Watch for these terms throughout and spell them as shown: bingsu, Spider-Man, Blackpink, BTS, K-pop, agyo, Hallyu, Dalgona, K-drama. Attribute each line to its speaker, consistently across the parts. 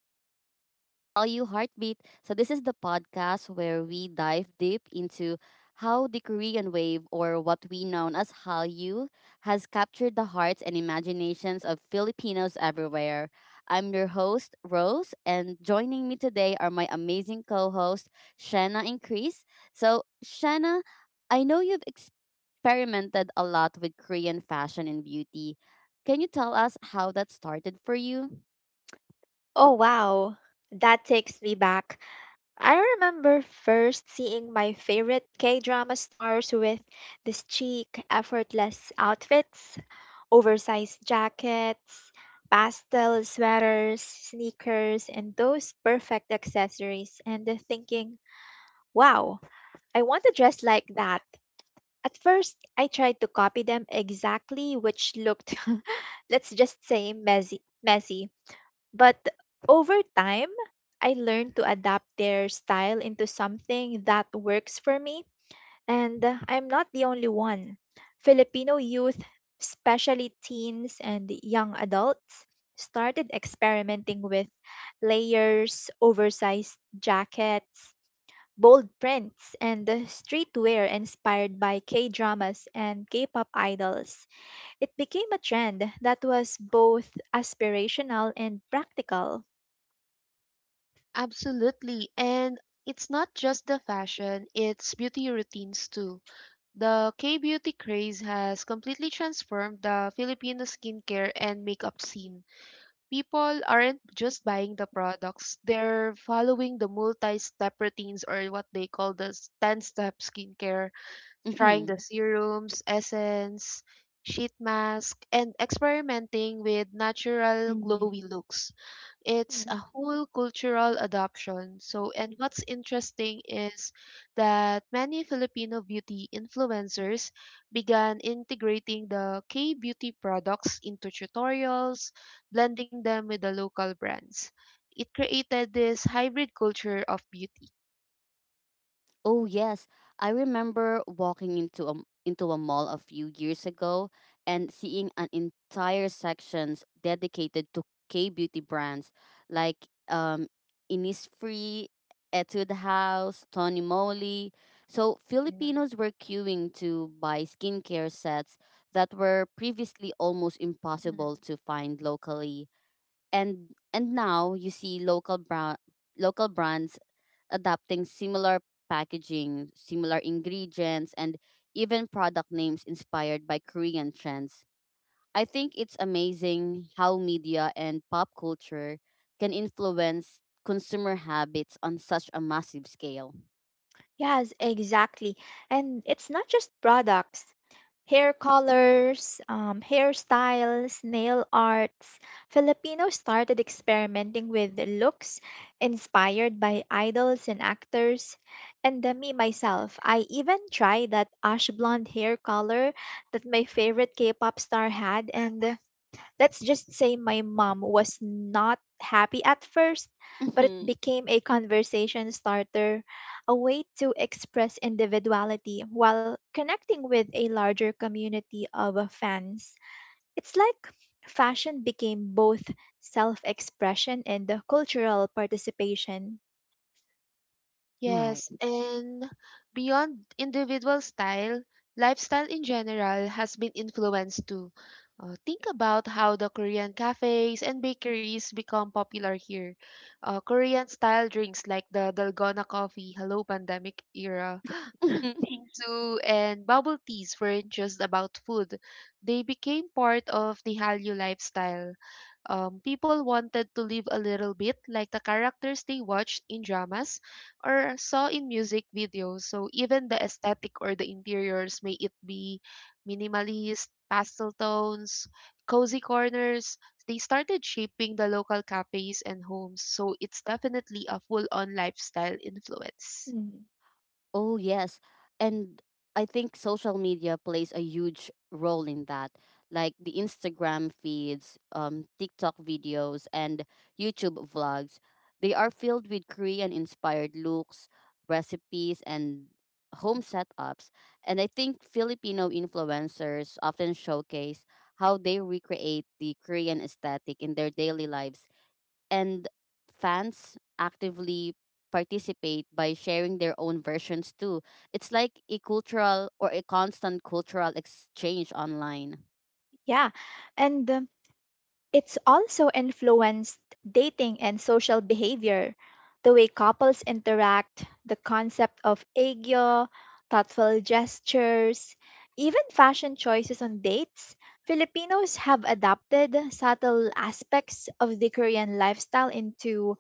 Speaker 1: welcome back to How You Heartbeat. So, this is the podcast where we dive deep into how the Korean wave, or what we know as Hallyu, has captured the hearts and imaginations of Filipinos everywhere. I'm your host, Rose, and joining me today are my amazing co hosts, Shanna and Chris. So, Shanna, I know you've experimented a lot with Korean fashion and beauty. Can you tell us how that started for you?
Speaker 2: Oh wow, that takes me back. I remember first seeing my favorite K-drama stars with these chic, effortless outfits, oversized jackets, pastel sweaters, sneakers, and those perfect accessories, and thinking, wow, I want to dress like that. At first, I tried to copy them exactly, which looked, let's just say, messy. Messy, but over time, I learned to adapt their style into something that works for me. And I'm not the only one. Filipino youth, especially teens and young adults, started experimenting with layers, oversized jackets, bold prints, and streetwear inspired by K dramas and K pop idols. It became a trend that was both aspirational and practical.
Speaker 3: Absolutely. And it's not just the fashion, it's beauty routines too. The K beauty craze has completely transformed the Filipino skincare and makeup scene. People aren't just buying the products, they're following the multi step routines or what they call the 10 step skincare, trying
Speaker 1: Mm-hmm.
Speaker 3: the serums, essence, sheet mask, and experimenting with natural
Speaker 2: Ừm,
Speaker 3: glowy looks. It's a
Speaker 2: ừm,
Speaker 3: whole cultural adoption. And what's interesting is that many Filipino beauty influencers began integrating the K beauty products into tutorials, blending them with the local brands. It created this hybrid culture of beauty.
Speaker 1: Oh yes, I remember walking into a mall a few years ago and seeing an entire sections dedicated to K beauty brands like um Innisfree, Etude House, Tony Moly. So Filipinos were queuing to buy skincare sets that were previously almost
Speaker 2: ừm.
Speaker 1: impossible to find locally. And now you see local brands adapting similar packaging, similar ingredients, and even product names inspired by Korean trends. I think it's amazing how media and pop culture can influence consumer habits on such a massive scale.
Speaker 2: Yes, exactly. And it's not just products. Hair colors, hairstyles, nail arts. Filipinos started experimenting with looks inspired by idols and actors. And me myself, I even tried that ash blonde hair color that my favorite K-pop star had, and let's just say my mom was not happy at first, but it became a conversation starter, a way to express individuality while connecting with a larger community of fans. It's like fashion became both self expression and cultural participation.
Speaker 1: Right.
Speaker 3: Yes, and beyond individual style, lifestyle in general has been influenced too. Think about how the Korean cafes and bakeries become popular here. Korean style drinks like the Dalgona coffee, hello pandemic era, bingsu, and bubble teas weren't just about food. They became part of the Hallyu lifestyle. People wanted to live a little bit like the characters they watched in dramas or saw in music videos. So even the aesthetic or the interiors, may it be minimalist, pastel tones, cozy corners, they started shaping the local cafes and homes. So it's definitely a full on lifestyle influence.
Speaker 2: Mm.
Speaker 1: Oh, yes. And I think social media plays a huge role in that, like the Instagram feeds, TikTok videos, and YouTube vlogs. They are filled with Korean inspired looks, recipes, and home setups. And I think Filipino influencers often showcase how they recreate the Korean aesthetic in their daily lives, and fans actively participate by sharing their own versions too. It's like a cultural or a constant cultural exchange online.
Speaker 2: Yeah, and it's also influenced dating and social behavior, the way couples interact, the concept of agyo, thoughtful gestures, even fashion choices on dates. Filipinos have adapted subtle aspects of the Korean lifestyle into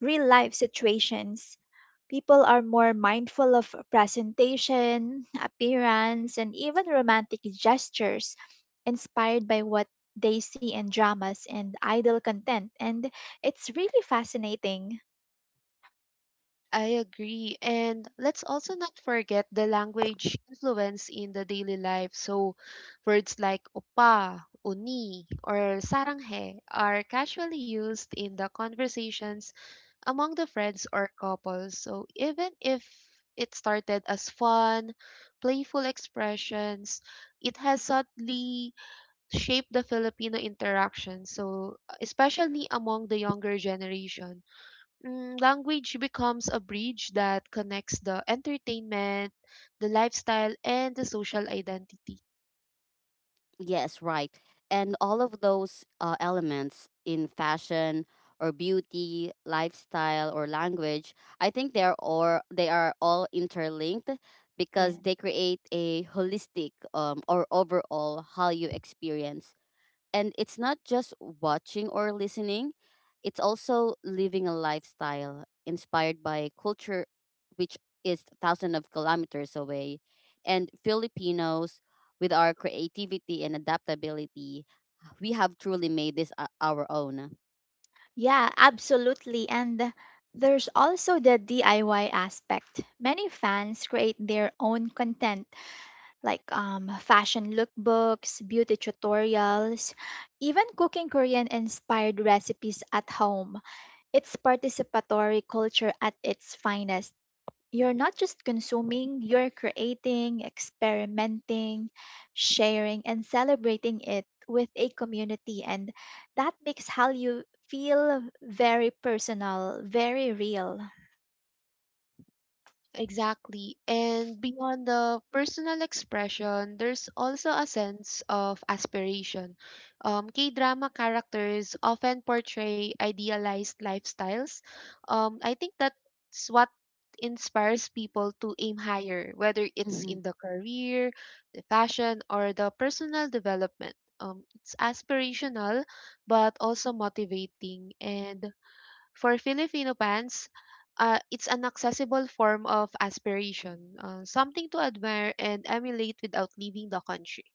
Speaker 2: real life situations. People are more mindful of presentation, appearance, and even romantic gestures, inspired by what they see in dramas and idol content. And it's really fascinating.
Speaker 3: I agree. And let's also not forget the language influence in the daily life. So, words like opa, uni, or saranghe are casually used in the conversations among the friends or couples. So, even if it started as fun, playful expressions, it has subtly shaped the Filipino interaction. So, especially among the younger generation. Language becomes a bridge that connects the entertainment, the lifestyle, and the social identity.
Speaker 1: Yes, right. And all of those elements in fashion or beauty, lifestyle or language, I think they are all interlinked because
Speaker 3: Yeah.
Speaker 1: they create a holistic or overall how you experience. And it's not just watching or listening, it's also living a lifestyle inspired by culture, which is thousands of kilometers away. And Filipinos, with our creativity and adaptability, we have truly made our own.
Speaker 2: Yeah, absolutely. And there's also the DIY aspect. Many fans create their own content, like fashion lookbooks, beauty tutorials, even cooking Korean inspired recipes at home. It's participatory culture at its finest. You're not just consuming, you're creating, experimenting, sharing, and celebrating it with a community. And that makes how you feel very personal, very real.
Speaker 3: Exactly. And beyond the personal expression, there's also a sense of aspiration. K drama characters often portray idealized lifestyles. I think that's what inspires people to aim higher, whether it's in the career, the fashion, or the personal development. It's aspirational, but also motivating. And for Filipino fans, it's an accessible form of aspiration, something to admire and emulate without leaving the country.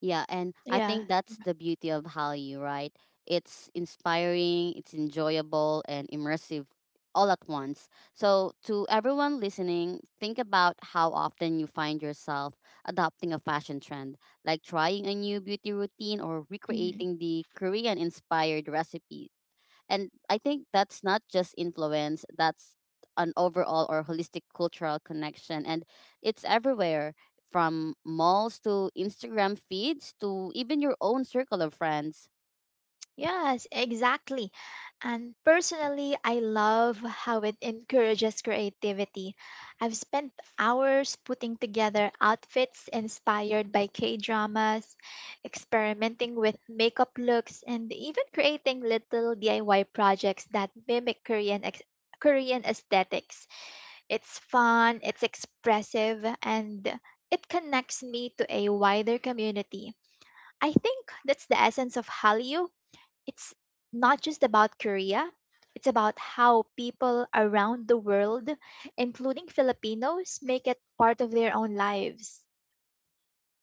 Speaker 1: Yeah, and I
Speaker 2: Yeah.
Speaker 1: think that's the beauty of Hallyu, right? It's inspiring, it's enjoyable, and immersive all at once. So, to everyone listening, think about how often you find yourself adopting a fashion trend, like trying a new beauty routine or
Speaker 2: Mm-hmm.
Speaker 1: recreating the Korean inspired recipes. And I think that's not just influence, that's an overall or holistic cultural connection. And it's everywhere, from malls to Instagram feeds to even your own circle of friends.
Speaker 2: Yes, exactly. And personally, I love how it encourages creativity. I've spent hours putting together outfits inspired by K dramas, experimenting with makeup looks, and even creating little DIY projects that mimic Korean aesthetics. It's fun, it's expressive, and it connects me to a wider community. I think that's the essence of Hallyu, it's not just about Korea, it's about how people around the world, including Filipinos, make it part of their own lives.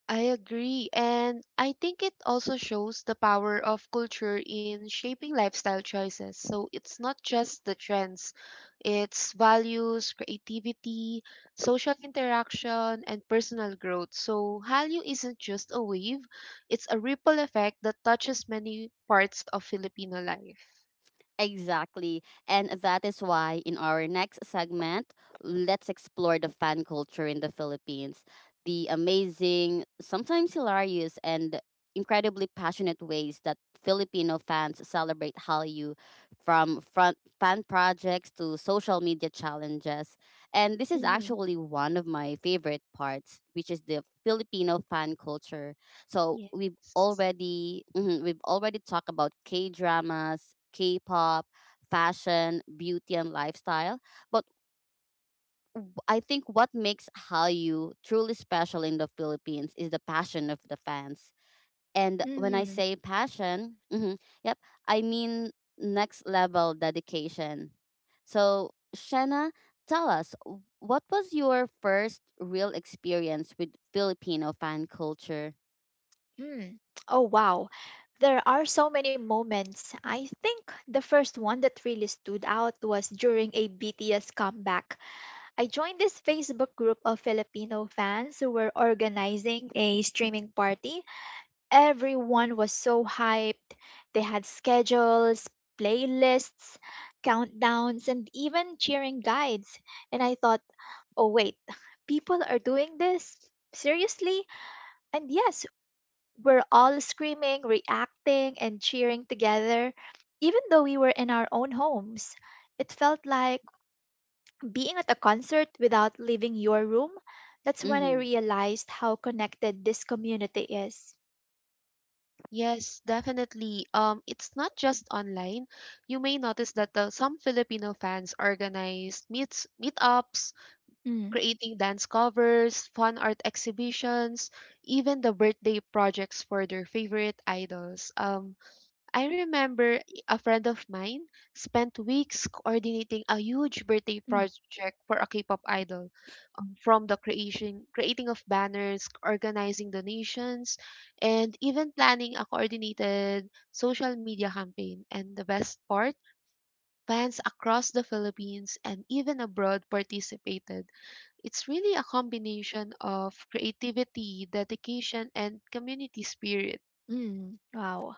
Speaker 3: I agree, and I think it also shows the power of culture in shaping lifestyle choices. So it's not just the trends, it's values, creativity, social interaction, and personal growth. So Hallyu isn't just a wave, it's a ripple effect that touches many parts of Filipino life.
Speaker 1: Exactly. And that is why in our next segment, let's explore the fan culture in the Philippines, the amazing, sometimes hilarious, and incredibly passionate ways that Filipino fans celebrate Hallyu, from front fan projects to social media challenges. And this is
Speaker 2: Mm-hmm.
Speaker 1: actually one of my favorite parts, which is the Filipino fan culture. So
Speaker 3: Yes.
Speaker 1: we've already talked about K dramas, K pop, fashion, beauty, and lifestyle. But I think what makes Hallyu truly special in the Philippines is the passion of the fans. And when I
Speaker 2: Mm,
Speaker 1: say passion, mhm, yep, I mean next level dedication. So Shanna, tell us what was your first real experience with Filipino fan culture?
Speaker 2: mm. Oh, wow. There are so many moments. I think the first one that really stood out was during a BTS comeback. I joined this Facebook group of Filipino fans who were organizing a streaming party. Everyone was so hyped. They had schedules, playlists, countdowns, and even cheering guides. And I thought, oh, wait, people are doing this? Seriously? And yes, we're all screaming, reacting, and cheering together, even though we were in our own homes. It felt like being at a concert without leaving your room. That's when I
Speaker 1: Mm-hmm.
Speaker 2: realized how connected this community is.
Speaker 3: Yes, definitely. It's not just online. You may notice that some Filipino fans organize meets meetups,
Speaker 2: Mm,
Speaker 3: creating dance covers, fun art exhibitions, even the birthday projects for their favorite idols. I remember a friend of mine spent weeks coordinating a huge birthday
Speaker 2: mm,
Speaker 3: project for a K-pop idol, from the creation creating of banners, organizing donations, and even planning a coordinated social media campaign. And the best part, fans across the Philippines and even abroad participated. It's really a combination of creativity, dedication, and community spirit.
Speaker 2: mm. Wow.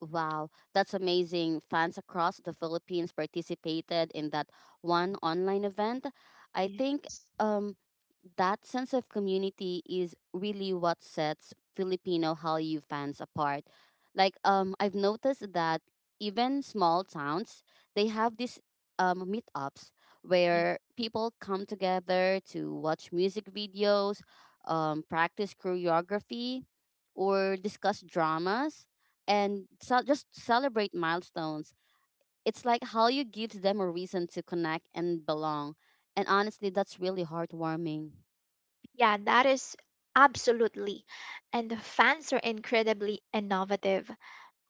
Speaker 1: Wow, that's amazing. Fans across the Philippines participated in that one online event. I think
Speaker 3: Yes,
Speaker 1: um, that sense of community is really what sets Filipino Hallyu fans apart. Like, I've noticed that even small towns, they have these meetups
Speaker 3: yes,
Speaker 1: where people come together to watch music videos, practice choreography, or discuss dramas, and so just celebrate milestones. It's like how you gives them a reason to connect and belong. And honestly, that's really heartwarming.
Speaker 2: Yeah, that is absolutely. And the fans are incredibly innovative.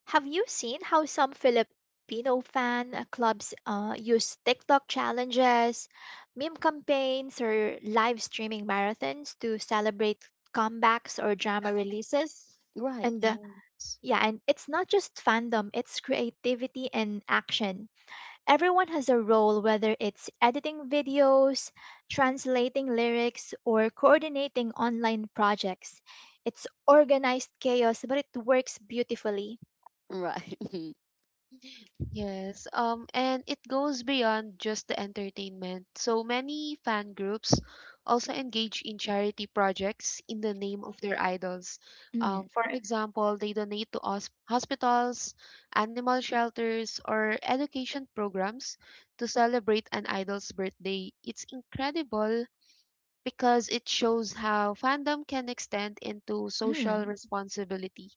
Speaker 2: Have you seen how some Filipino fan clubs use TikTok challenges, meme campaigns, or live streaming marathons to celebrate comebacks or drama releases?
Speaker 1: Right.
Speaker 2: And
Speaker 3: yes.
Speaker 2: yeah, and it's not just fandom, it's creativity and action. Everyone has a role, whether it's editing videos, translating lyrics, or coordinating online projects. It's organized chaos, but it works beautifully.
Speaker 1: Right.
Speaker 3: Yes, and it goes beyond just the entertainment. So many fan groups also engage in charity projects in the name of their idols.
Speaker 2: Mm,
Speaker 3: For example, they donate to hospitals, animal shelters, or education programs to celebrate an idol's birthday. It's incredible because it shows how fandom can extend into social
Speaker 2: mm,
Speaker 3: responsibility.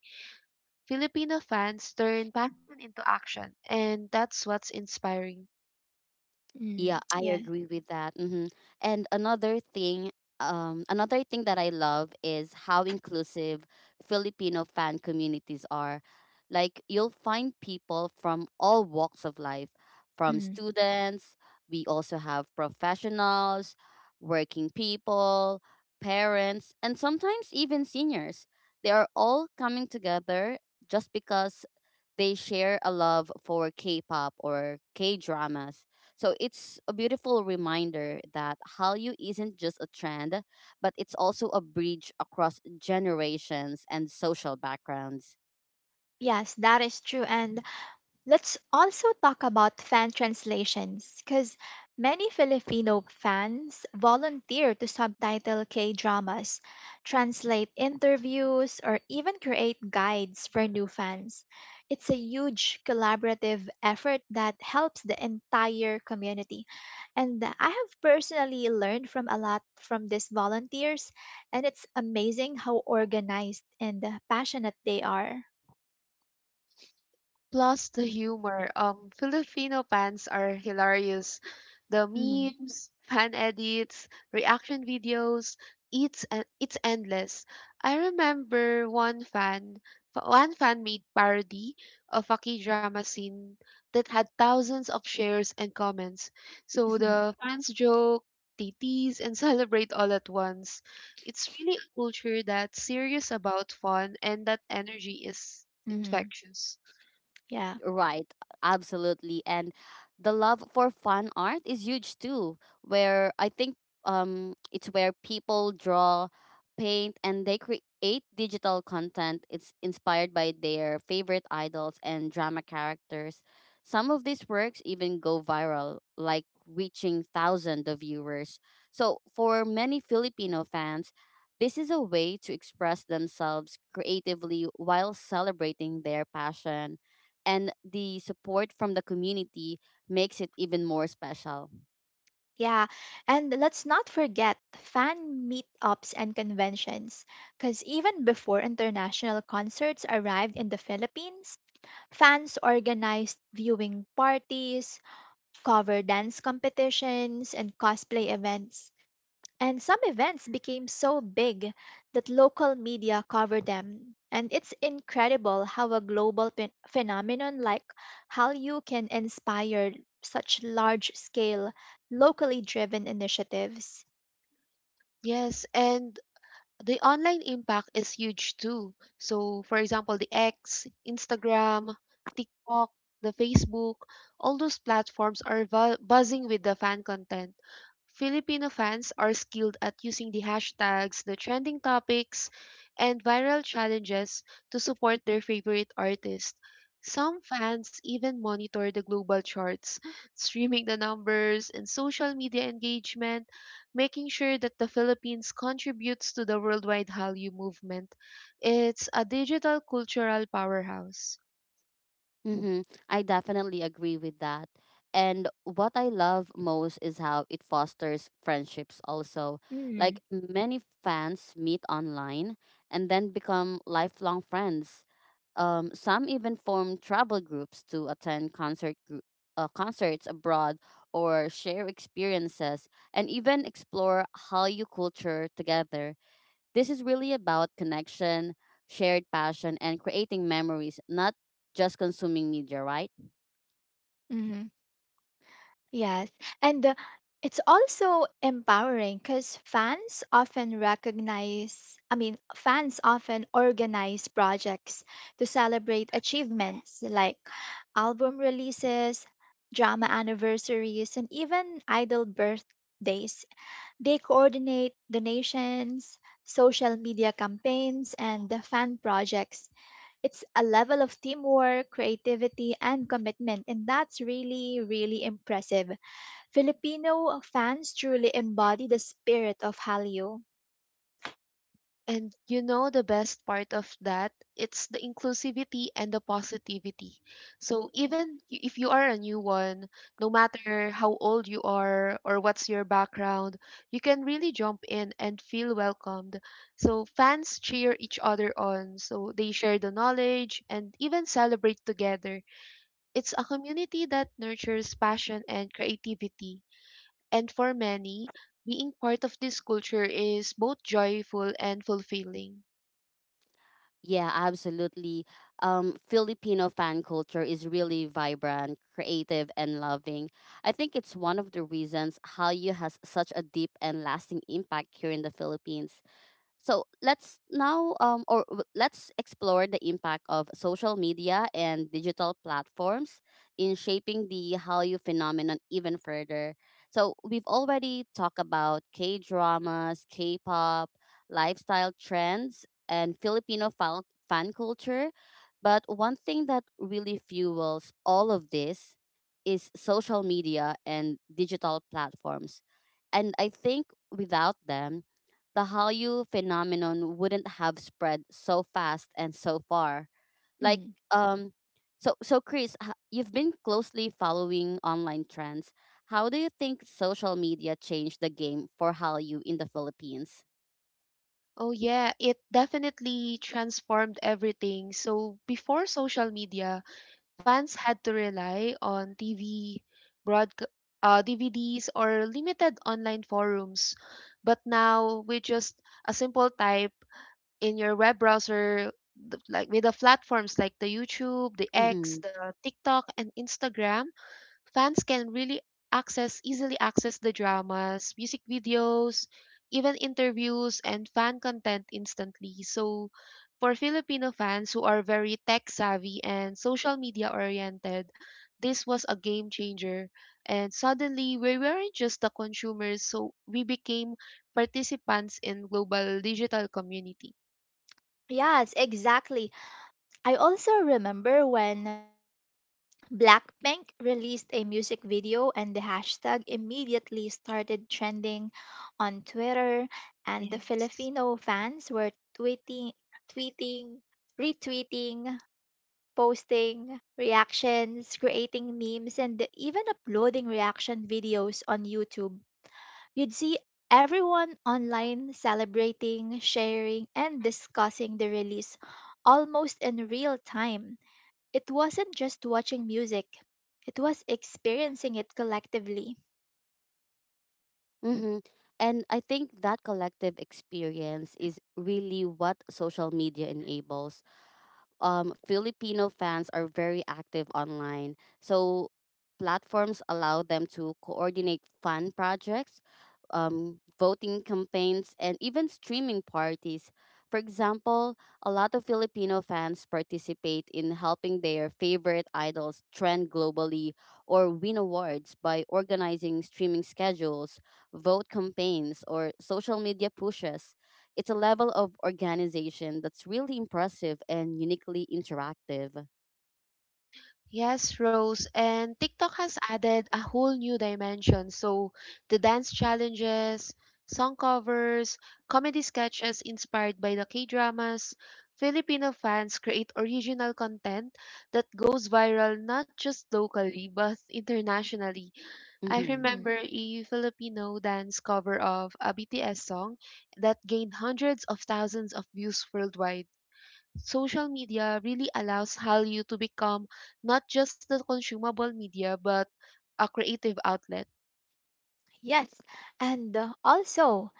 Speaker 3: Filipino fans turn passion into action, and that's what's inspiring.
Speaker 2: mm,
Speaker 1: Yeah, I
Speaker 2: yeah,
Speaker 1: agree with that. And another thing, another thing that I love is how inclusive Filipino fan communities are. Like you'll find people from all walks of life, from
Speaker 2: mm.
Speaker 1: students. We also have professionals, working people, parents, and sometimes even seniors. They are all coming together just because they share a love for K-pop or K-dramas, so it's a beautiful reminder that Hallyu isn't just a trend, but it's also a bridge across generations and social backgrounds.
Speaker 2: Yes, that is true. And let's also talk about fan translations, because many Filipino fans volunteer to subtitle K dramas, translate interviews, or even create guides for new fans. It's a huge collaborative effort that helps the entire community. And I have personally learned from a lot from these volunteers, and it's amazing how organized and passionate they are.
Speaker 3: Plus the humor. Filipino fans are hilarious. The
Speaker 2: hmm
Speaker 3: memes, fan edits, reaction videos, it's endless. I remember one fan made parody of a K-drama scene that had thousands of shares and comments. So
Speaker 2: hmm
Speaker 3: the fans joke, they tease and celebrate all at once. It's really a culture that's serious about fun and that energy is
Speaker 2: hmm
Speaker 3: infectious.
Speaker 2: Yeah.
Speaker 1: Right, absolutely. And the love for fun art is huge too, where I think it's where people draw, paint and they create digital content. It's inspired by their favorite idols and drama characters. Some of these works even go viral, like reaching thousands of viewers. So for many Filipino fans, this is a way to express themselves creatively while celebrating their passion, and the support from the community makes it even more special.
Speaker 2: Yeah, and let's not forget fan meetups and conventions, because even before international concerts arrived in the Philippines, fans organized viewing parties, cover dance competitions, and cosplay events. And some events became so big that local media covered them. And it's incredible how a global phenomenon like Hallyu can inspire such large scale, locally driven initiatives.
Speaker 3: Yes, and the online impact is huge too. So, for example, the X, Instagram, TikTok, the Facebook, all those platforms are buzzing with the fan content. Filipino fans are skilled at using the hashtags, the trending topics, and viral challenges to support their favorite artist. Some fans even monitor the global charts, streaming the numbers and social media engagement, making sure that the Philippines contributes to the worldwide Hallyu movement. It's a digital cultural powerhouse.
Speaker 1: Mm-hmm. I definitely agree with that. And what I love most is how it fosters friendships also.
Speaker 2: Mm,
Speaker 1: Like many fans meet online and then become lifelong friends. Some even form travel groups to attend concerts abroad or share experiences and even explore Hallyu culture together. This is really about connection, shared passion, and creating memories, not just consuming media, right?
Speaker 2: mhm. Yes, and it's also empowering because fans often recognize, I mean, fans often organize projects to celebrate achievements like album releases, drama anniversaries, and even idol birthdays. They coordinate donations, social media campaigns, and the fan projects. It's a level of teamwork, creativity, and commitment, and that's really, really impressive. Filipino fans truly embody the spirit of Hallyu.
Speaker 3: And you know the best part of that? It's the inclusivity and the positivity. So even if you are a new one, no matter how old you are or what's your background, you can really jump in and feel welcomed. So fans cheer each other on, so they share the knowledge and even celebrate together. It's a community that nurtures passion and creativity. And for many, being part of this culture is both joyful and fulfilling.
Speaker 1: Yeah, absolutely. Filipino fan culture is really vibrant, creative, and loving. I think it's one of the reasons Hallyu has such a deep and lasting impact here in the Philippines. So let's now let's explore the impact of social media and digital platforms in shaping the Hallyu phenomenon even further. So we've already talked about K dramas, K pop, lifestyle trends, and fan culture. But one thing that really fuels all of this is social media and digital platforms. And I think without them, the Hallyu phenomenon wouldn't have spread so fast and so far. Like
Speaker 2: Hmm.
Speaker 1: um so Chris, you've been closely following online trends. How do you think social media changed the game for Hallyu in the Philippines?
Speaker 3: Oh, yeah, it definitely transformed everything. So, before social media, fans had to rely on TV, broadca- DVDs, or limited online forums. But now, with just a simple type in your web browser, like with the platforms like the YouTube, the X,
Speaker 1: Mm-hmm.
Speaker 3: the TikTok, and Instagram, fans can really access easily access the dramas, music videos, even interviews and fan content instantly. So for Filipino fans who are very tech savvy and social media oriented, this was a game changer. And suddenly we weren't just the consumers, so we became participants in global digital community.
Speaker 2: Yes, exactly. I also remember when Blackpink released a music video and the hashtag immediately started trending on Twitter and the
Speaker 3: Yes.
Speaker 2: Filipino fans were tweeting, retweeting, posting reactions, creating memes, and even uploading reaction videos on YouTube. You'd see everyone online celebrating, sharing, and discussing the release almost in real time. It wasn't just watching music, it was experiencing it collectively.
Speaker 1: Mm-hmm. And I think that collective experience is really what social media enables. Filipino fans are very active online. So platforms allow them to coordinate fan projects, voting campaigns, and even streaming parties. For example, a lot of Filipino fans participate in helping their favorite idols trend globally or win awards by organizing streaming schedules, vote campaigns, or social media pushes. It's a level of organization that's really impressive and uniquely interactive.
Speaker 3: Yes, Rose, and TikTok has added a whole new dimension. So the dance challenges, song covers, comedy sketches inspired by the K-dramas, Filipino fans create original content that goes viral not just locally but internationally. I
Speaker 1: Mm-hmm.
Speaker 2: Mm,
Speaker 3: remember a Filipino dance cover of a BTS song that gained hundreds of thousands of views worldwide. Social media really allows Hallyu to become not just the consumable media but a creative outlet.
Speaker 2: yes, and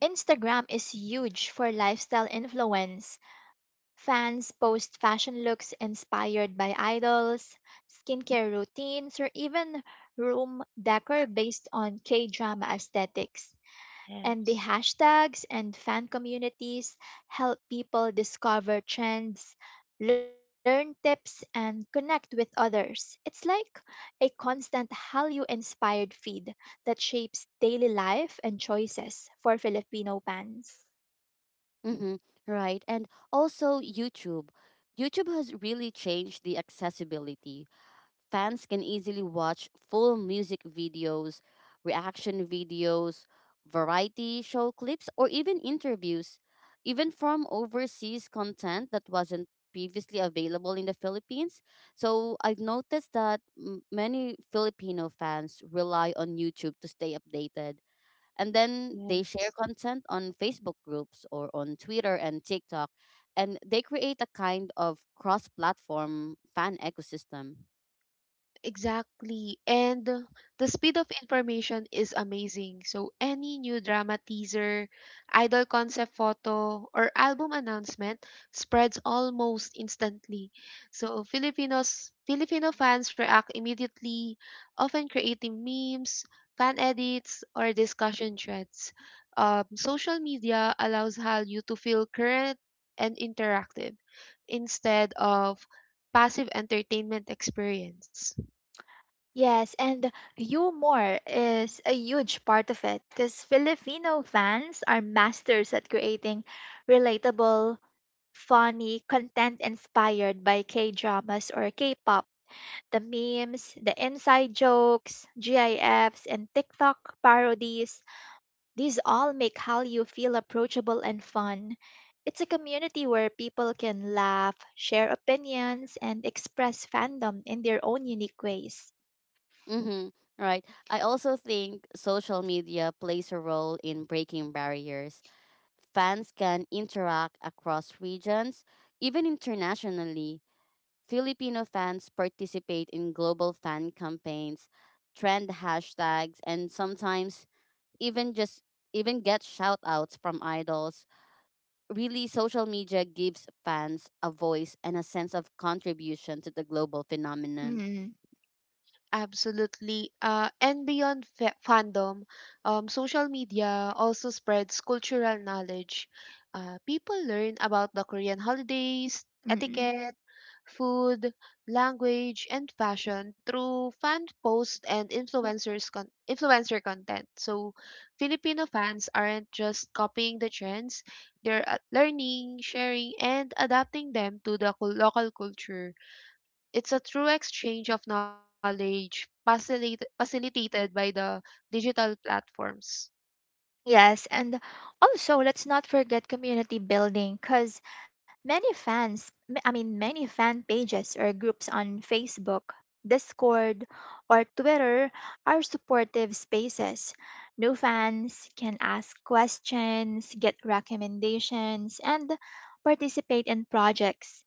Speaker 2: Instagram is huge for lifestyle influence. Fans post fashion looks inspired by idols, skincare routines, or even room decor based on K drama aesthetics. And the
Speaker 3: Yes.
Speaker 2: hashtags and fan communities help people discover trends, learn tips, and connect with others. It's like a constant Hallyu inspired feed that shapes daily life and choices for Filipino fans.
Speaker 1: Mm-hmm. Right. And also YouTube. YouTube has really changed the accessibility. Fans can easily watch full music videos, reaction videos, variety show clips, or even interviews, even from overseas content that wasn't previously available in the Philippines. So I've noticed that many Filipino fans rely on YouTube to stay updated. And then they
Speaker 3: Yes.
Speaker 1: share content on Facebook groups or on Twitter and TikTok. And they create a kind of cross platform fan ecosystem.
Speaker 3: Exactly. And the speed of information is amazing. So any new drama teaser, idol concept photo, or album announcement spreads almost instantly. So Filipino fans react immediately, often creating memes, fan edits, or discussion threads. Social media allows Hallyu to feel current and interactive instead of passive entertainment experience.
Speaker 2: Yes, and humor is a huge part of it because Filipino fans are masters at creating relatable, funny content inspired by K dramas or K pop. The memes, the inside jokes, GIFs, and TikTok parodies, these all make Hallyu feel approachable and fun. It's a community where people can laugh, share opinions, and express fandom in their own unique ways.
Speaker 1: Mm-hmm. Right. I also think social media plays a role in breaking barriers. Fans can interact across regions, even internationally. Filipino fans participate in global fan campaigns, trend hashtags, and sometimes even just even get shout
Speaker 3: Su
Speaker 1: outs from idols.
Speaker 3: capital es São
Speaker 1: Really, social media gives fans a voice and a
Speaker 3: Luís.
Speaker 1: sense of contribution to the global phenomenon.
Speaker 2: Mm-mm,
Speaker 3: Absolutely. And beyond fandom, social media also spreads cultural knowledge. People learn about the Korean holidays, etiquette, food, language, and fashion through fan posts and influencer content. So, Filipino fans aren't just copying the trends; they're learning, sharing, and adapting them to the local culture. It's a true exchange of knowledge facilitated by the digital platforms.
Speaker 2: yes, and also let's not forget community building because many fans, m- I mean, many fan pages or groups on Facebook, Discord, or Twitter are supportive spaces. New fans can ask questions, get recommendations, and participate in projects.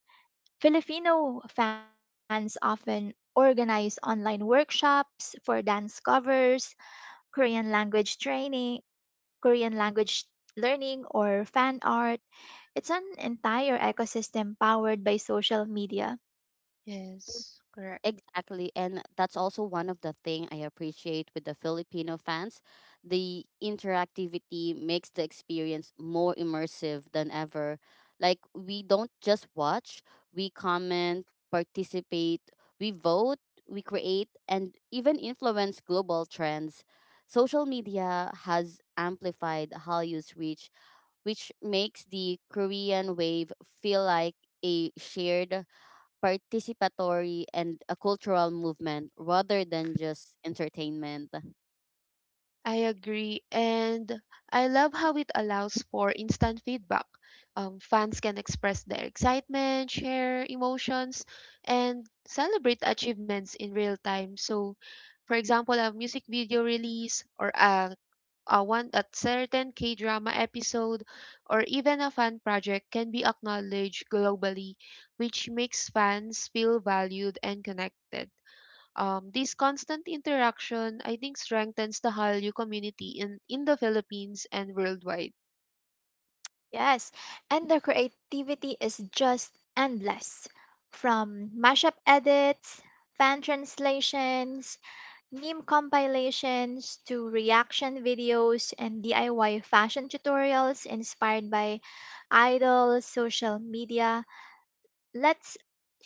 Speaker 2: Filipino fans often organize online workshops for dance covers, Korean language training, Korean language learning, or fan art. It's an entire ecosystem powered by social media.
Speaker 3: Yes, correct.
Speaker 1: Exactly, and that's also one of the thing I appreciate with the Filipino fans. The interactivity makes the experience more immersive than ever. Like we don't just watch, we comment, participate, we vote, we create and even influence global trends. Social media has amplified Halley's reach, which makes the Korean wave feel like a shared, participatory and a cultural movement rather than just entertainment.
Speaker 3: I agree. And I love how it allows for instant feedback. Fans can express their excitement, share emotions, and celebrate achievements in real time. So, for example, a music video release or a one a certain K drama episode, or even a fan project can be acknowledged globally, which makes fans feel valued and connected. This constant interaction, I think, strengthens the Hallyu community in the Philippines and worldwide.
Speaker 2: Yes, and the creativity is just endless. From mashup edits, fan translations, meme compilations, to reaction videos and DIY fashion tutorials inspired by idols, social media, Let's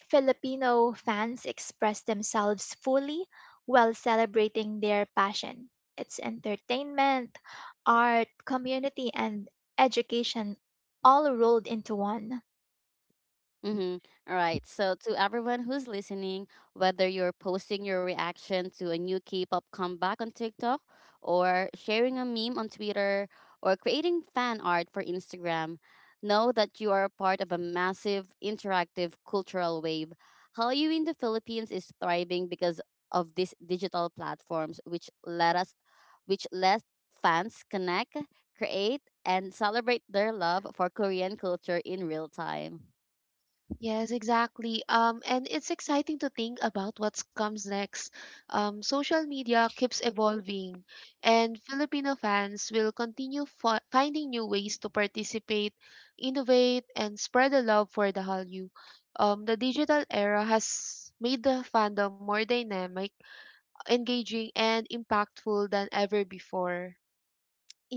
Speaker 2: Filipino fans express themselves fully while celebrating their passion. It's entertainment, art, community, and education all rolled into one.
Speaker 1: Mm-hmm. All right. So, to everyone who's listening, whether you're posting your reaction to a new K pop comeback on TikTok, or sharing a meme on Twitter, or creating fan art for Instagram, know that you are a part of a massive interactive cultural wave. Hallyu in the Philippines is thriving because of these digital platforms, which let fans connect, create, and celebrate their love for Korean culture in real time.
Speaker 3: Yes, exactly. And it's exciting to think about what comes next. Social media keeps evolving, and Filipino fans will continue finding new ways to participate, innovate, and spread the love for the Hallyu. The digital era has made the fandom more dynamic, engaging, and impactful than ever before.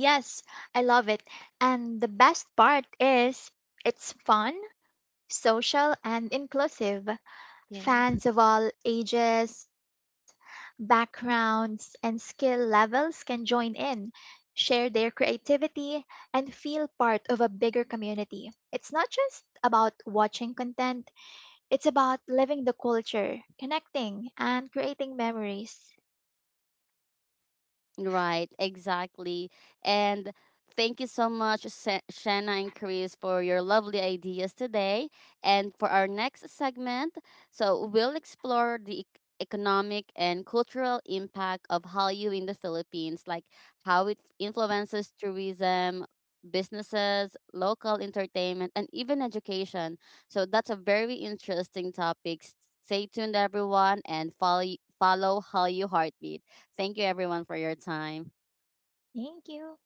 Speaker 2: Yes, I love it. And the best part is it's fun, social, and inclusive.
Speaker 3: Yes.
Speaker 2: Fans of all ages, backgrounds, and skill levels can join in, share their creativity, and feel part of a bigger community. It's not just about watching content, it's about living the culture, connecting, and creating memories.
Speaker 1: Right, exactly. And thank you so much, Shanna and Chris, for your lovely ideas today. And for our next segment, so we'll explore the economic and cultural impact of Hallyu in the Philippines, like how it influences tourism, businesses, local entertainment, and even education. So that's a very interesting topic. Stay tuned, everyone, and follow Hallyu Heartbeat. Thank you everyone for your time.
Speaker 2: Thank you.